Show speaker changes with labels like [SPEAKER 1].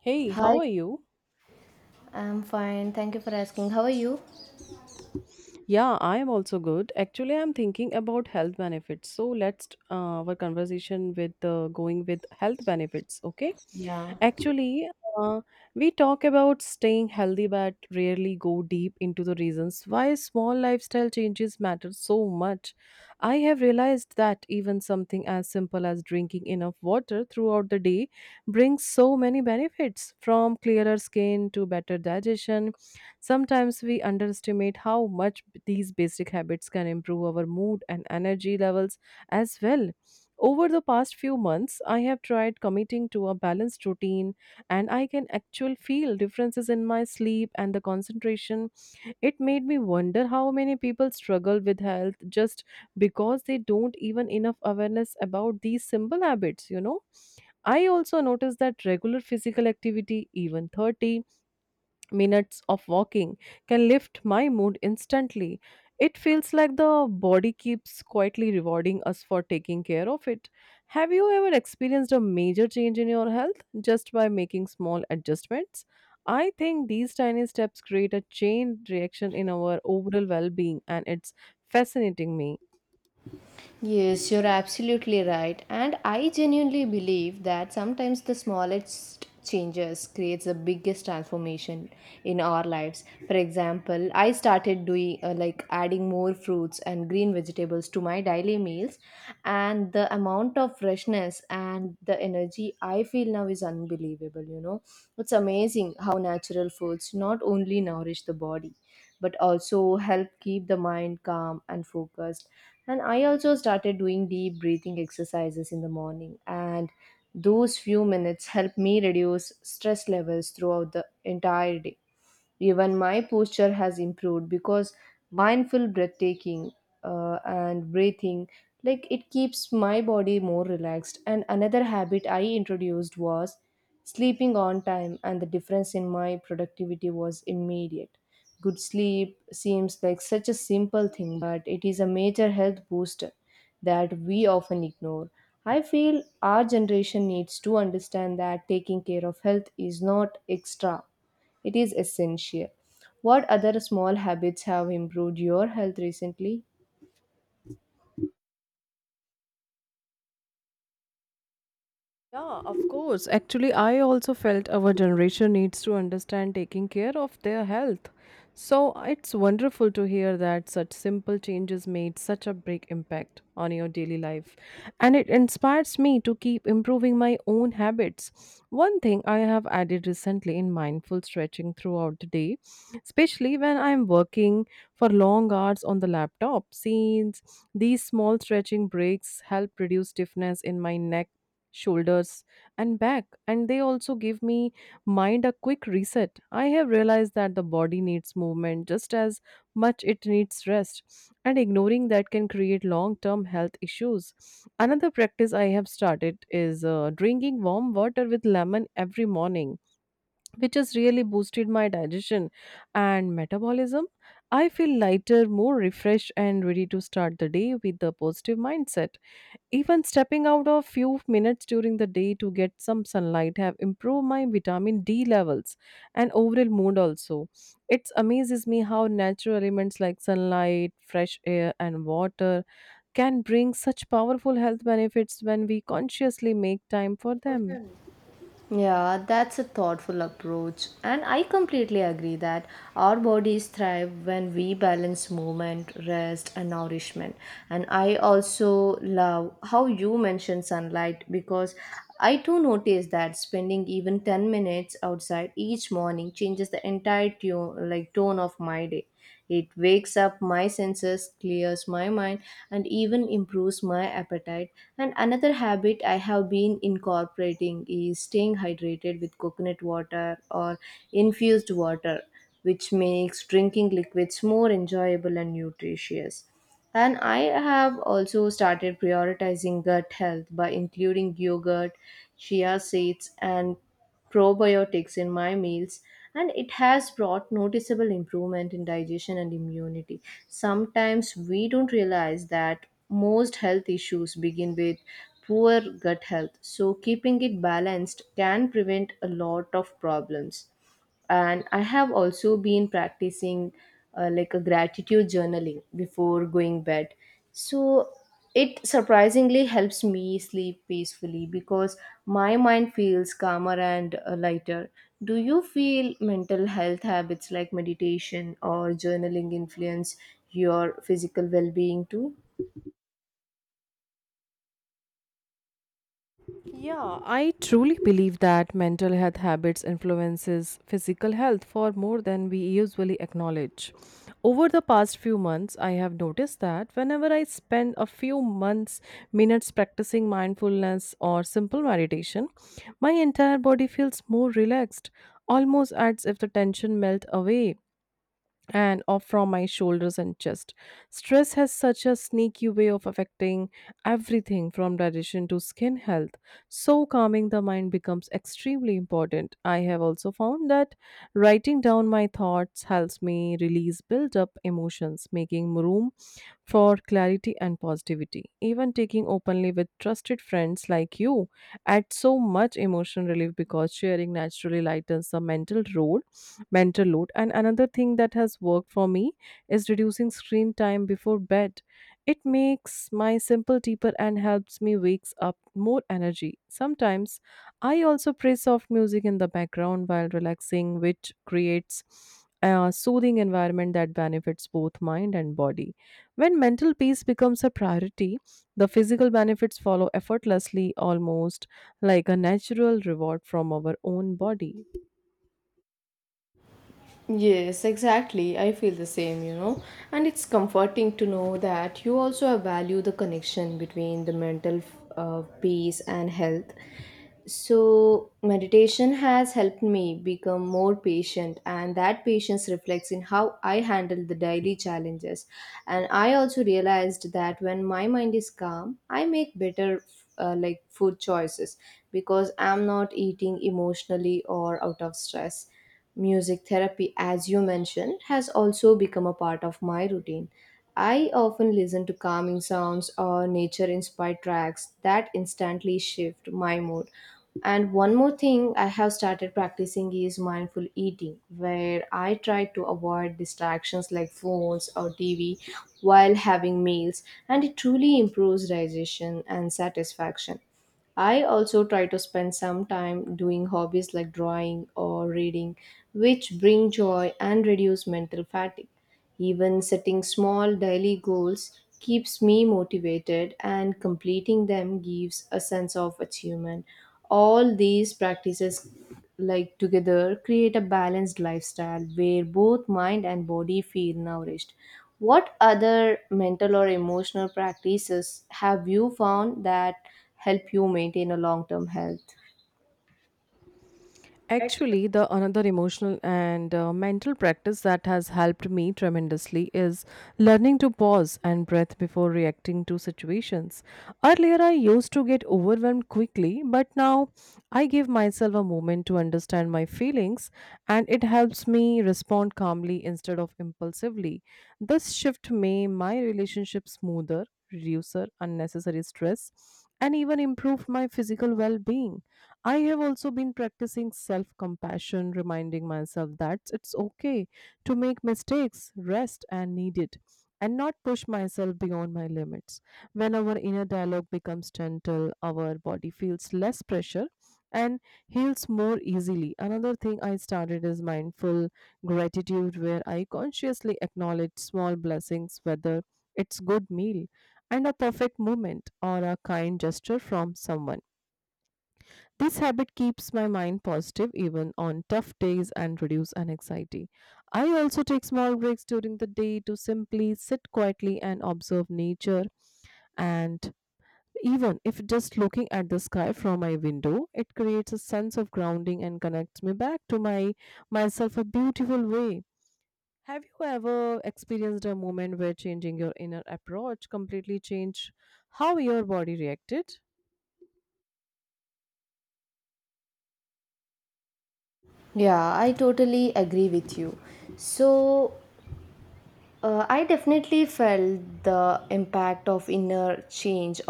[SPEAKER 1] Hey, how
[SPEAKER 2] Hi.
[SPEAKER 1] are you?
[SPEAKER 2] I'm fine. Thank you for asking. How are you?
[SPEAKER 1] Yeah, I am also good. Actually, I'm thinking about health benefits. So let's our conversation with going with health benefits. Okay.
[SPEAKER 2] Yeah.
[SPEAKER 1] Actually, uh, we talk about staying healthy, but rarely go deep into the reasons why small lifestyle changes matter so much. I have realized that even something as simple as drinking enough water throughout the day brings so many benefits, from clearer skin to better digestion. Sometimes we underestimate how much these basic habits can improve our mood and energy levels as well. Over the past few months, I have tried committing to a balanced routine, and I can actually feel differences in my sleep and the concentration. It made me wonder how many people struggle with health just because they don't even enough awareness about these simple habits. I also noticed that regular physical activity, even 30 minutes of walking, can lift my mood instantly. It feels like the body keeps quietly rewarding us for taking care of it. Have you ever experienced a major change in your health just by making small adjustments? I think these tiny steps create a chain reaction in our overall well being, and it's fascinating me.
[SPEAKER 2] Yes, you're absolutely right. And I genuinely believe that sometimes the smallest changes creates the biggest transformation in our lives. For example, I started doing like adding more fruits and green vegetables to my daily meals, and the amount of freshness and the energy I feel now is unbelievable. It's amazing how natural foods not only nourish the body but also help keep the mind calm and focused. And I also started doing deep breathing exercises in the morning, and those few minutes help me reduce stress levels throughout the entire day. Even my posture has improved because mindful breathtaking and breathing, like, it keeps my body more relaxed. And another habit I introduced was sleeping on time, and the difference in my productivity was immediate. Good sleep seems like such a simple thing, but it is a major health booster that we often ignore. I feel our generation needs to understand that taking care of health is not extra, it is essential. What other small habits have improved your health recently?
[SPEAKER 1] Yeah, of course. Actually, I also felt our generation needs to understand taking care of their health. So it's wonderful to hear that such simple changes made such a big impact on your daily life, and it inspires me to keep improving my own habits. One thing I have added recently in mindful stretching throughout the day, especially when I'm working for long hours on the laptop, since these small stretching breaks help reduce stiffness in my neck, shoulders, and back, and they also give me mind a quick reset. I have realized that the body needs movement just as much it needs rest, and ignoring that can create long term health issues. Another practice I have started is drinking warm water with lemon every morning, which has really boosted my digestion and metabolism. I feel lighter, more refreshed, and ready to start the day with a positive mindset. Even stepping out a few minutes during the day to get some sunlight have improved my vitamin D levels and overall mood also. It amazes me how natural elements like sunlight, fresh air, and water can bring such powerful health benefits when we consciously make time for them.
[SPEAKER 2] Yeah, that's a thoughtful approach, and I completely agree that our bodies thrive when we balance movement, rest, and nourishment. And I also love how you mentioned sunlight because I too notice that spending even 10 minutes outside each morning changes the entire tune, like tone of my day. It wakes up my senses, clears my mind, and even improves my appetite. And another habit I have been incorporating is staying hydrated with coconut water or infused water, which makes drinking liquids more enjoyable and nutritious. And I have also started prioritizing gut health by including yogurt, chia seeds, and probiotics in my meals, and it has brought noticeable improvement in digestion and immunity. Sometimes we don't realize that most health issues begin with poor gut health, so keeping it balanced can prevent a lot of problems. And I have also been practicing like a gratitude journaling before going bed, so it surprisingly helps me sleep peacefully because my mind feels calmer and lighter. Do you feel mental health habits like meditation or journaling influence your physical well-being too?
[SPEAKER 1] Yeah, I truly believe that mental health habits influences physical health for more than we usually acknowledge. Over the past few months, I have noticed that whenever I spend a few months minutes practicing mindfulness or simple meditation, my entire body feels more relaxed, almost as if the tension melt away and off from my shoulders and chest. Stress has such a sneaky way of affecting everything from digestion to skin health. So, calming the mind becomes extremely important. I have also found that writing down my thoughts helps me release built up emotions, making room for clarity and positivity. Even taking openly with trusted friends like you adds so much emotional relief because sharing naturally lightens the mental load. And another thing that has worked for me is reducing screen time before bed. It makes my simple deeper and helps me wakes up more energy. Sometimes I also play soft music in the background while relaxing, which creates a soothing environment that benefits both mind and body. When mental peace becomes a priority, the physical benefits follow effortlessly, almost like a natural reward from our own body.
[SPEAKER 2] Yes, exactly. I feel the same, you know. And it's comforting to know that you also value the connection between the mental peace and health. So, meditation has helped me become more patient, and that patience reflects in how I handle the daily challenges. And I also realized that when my mind is calm, I make better like food choices, because I'm not eating emotionally or out of stress. Music therapy, as you mentioned, has also become a part of my routine. I often listen to calming sounds or nature inspired tracks that instantly shift my mood. And one more thing I have started practicing is mindful eating, where I try to avoid distractions like phones or TV while having meals, and it truly improves digestion and satisfaction. I also try to spend some time doing hobbies like drawing or reading, which bring joy and reduce mental fatigue. Even setting small daily goals keeps me motivated, and completing them gives a sense of achievement. All these practices, like, together create a balanced lifestyle where both mind and body feel nourished. What other mental or emotional practices have you found that help you maintain a long term health?
[SPEAKER 1] Actually, the another emotional and mental practice that has helped me tremendously is learning to pause and breath before reacting to situations. Earlier, I used to get overwhelmed quickly, but now I give myself a moment to understand my feelings, and it helps me respond calmly instead of impulsively. This shift made my relationship smoother, reduce unnecessary stress, and even improve my physical well-being. I have also been practicing self compassion, reminding myself that it's okay to make mistakes, rest, and need it, and not push myself beyond my limits. When our inner dialogue becomes gentle, our body feels less pressure and heals more easily. Another thing I started is mindful gratitude, where I consciously acknowledge small blessings, whether it's good meal and a perfect moment or a kind gesture from someone. This habit keeps my mind positive even on tough days and reduce an anxiety. I also take small breaks during the day to simply sit quietly and observe nature, and even if just looking at the sky from my window, it creates a sense of grounding and connects me back to my myself a beautiful way. Have you ever experienced a moment where changing your inner approach completely changed how your body reacted?
[SPEAKER 2] Yeah, I totally agree with you. So, I definitely felt the impact of inner change.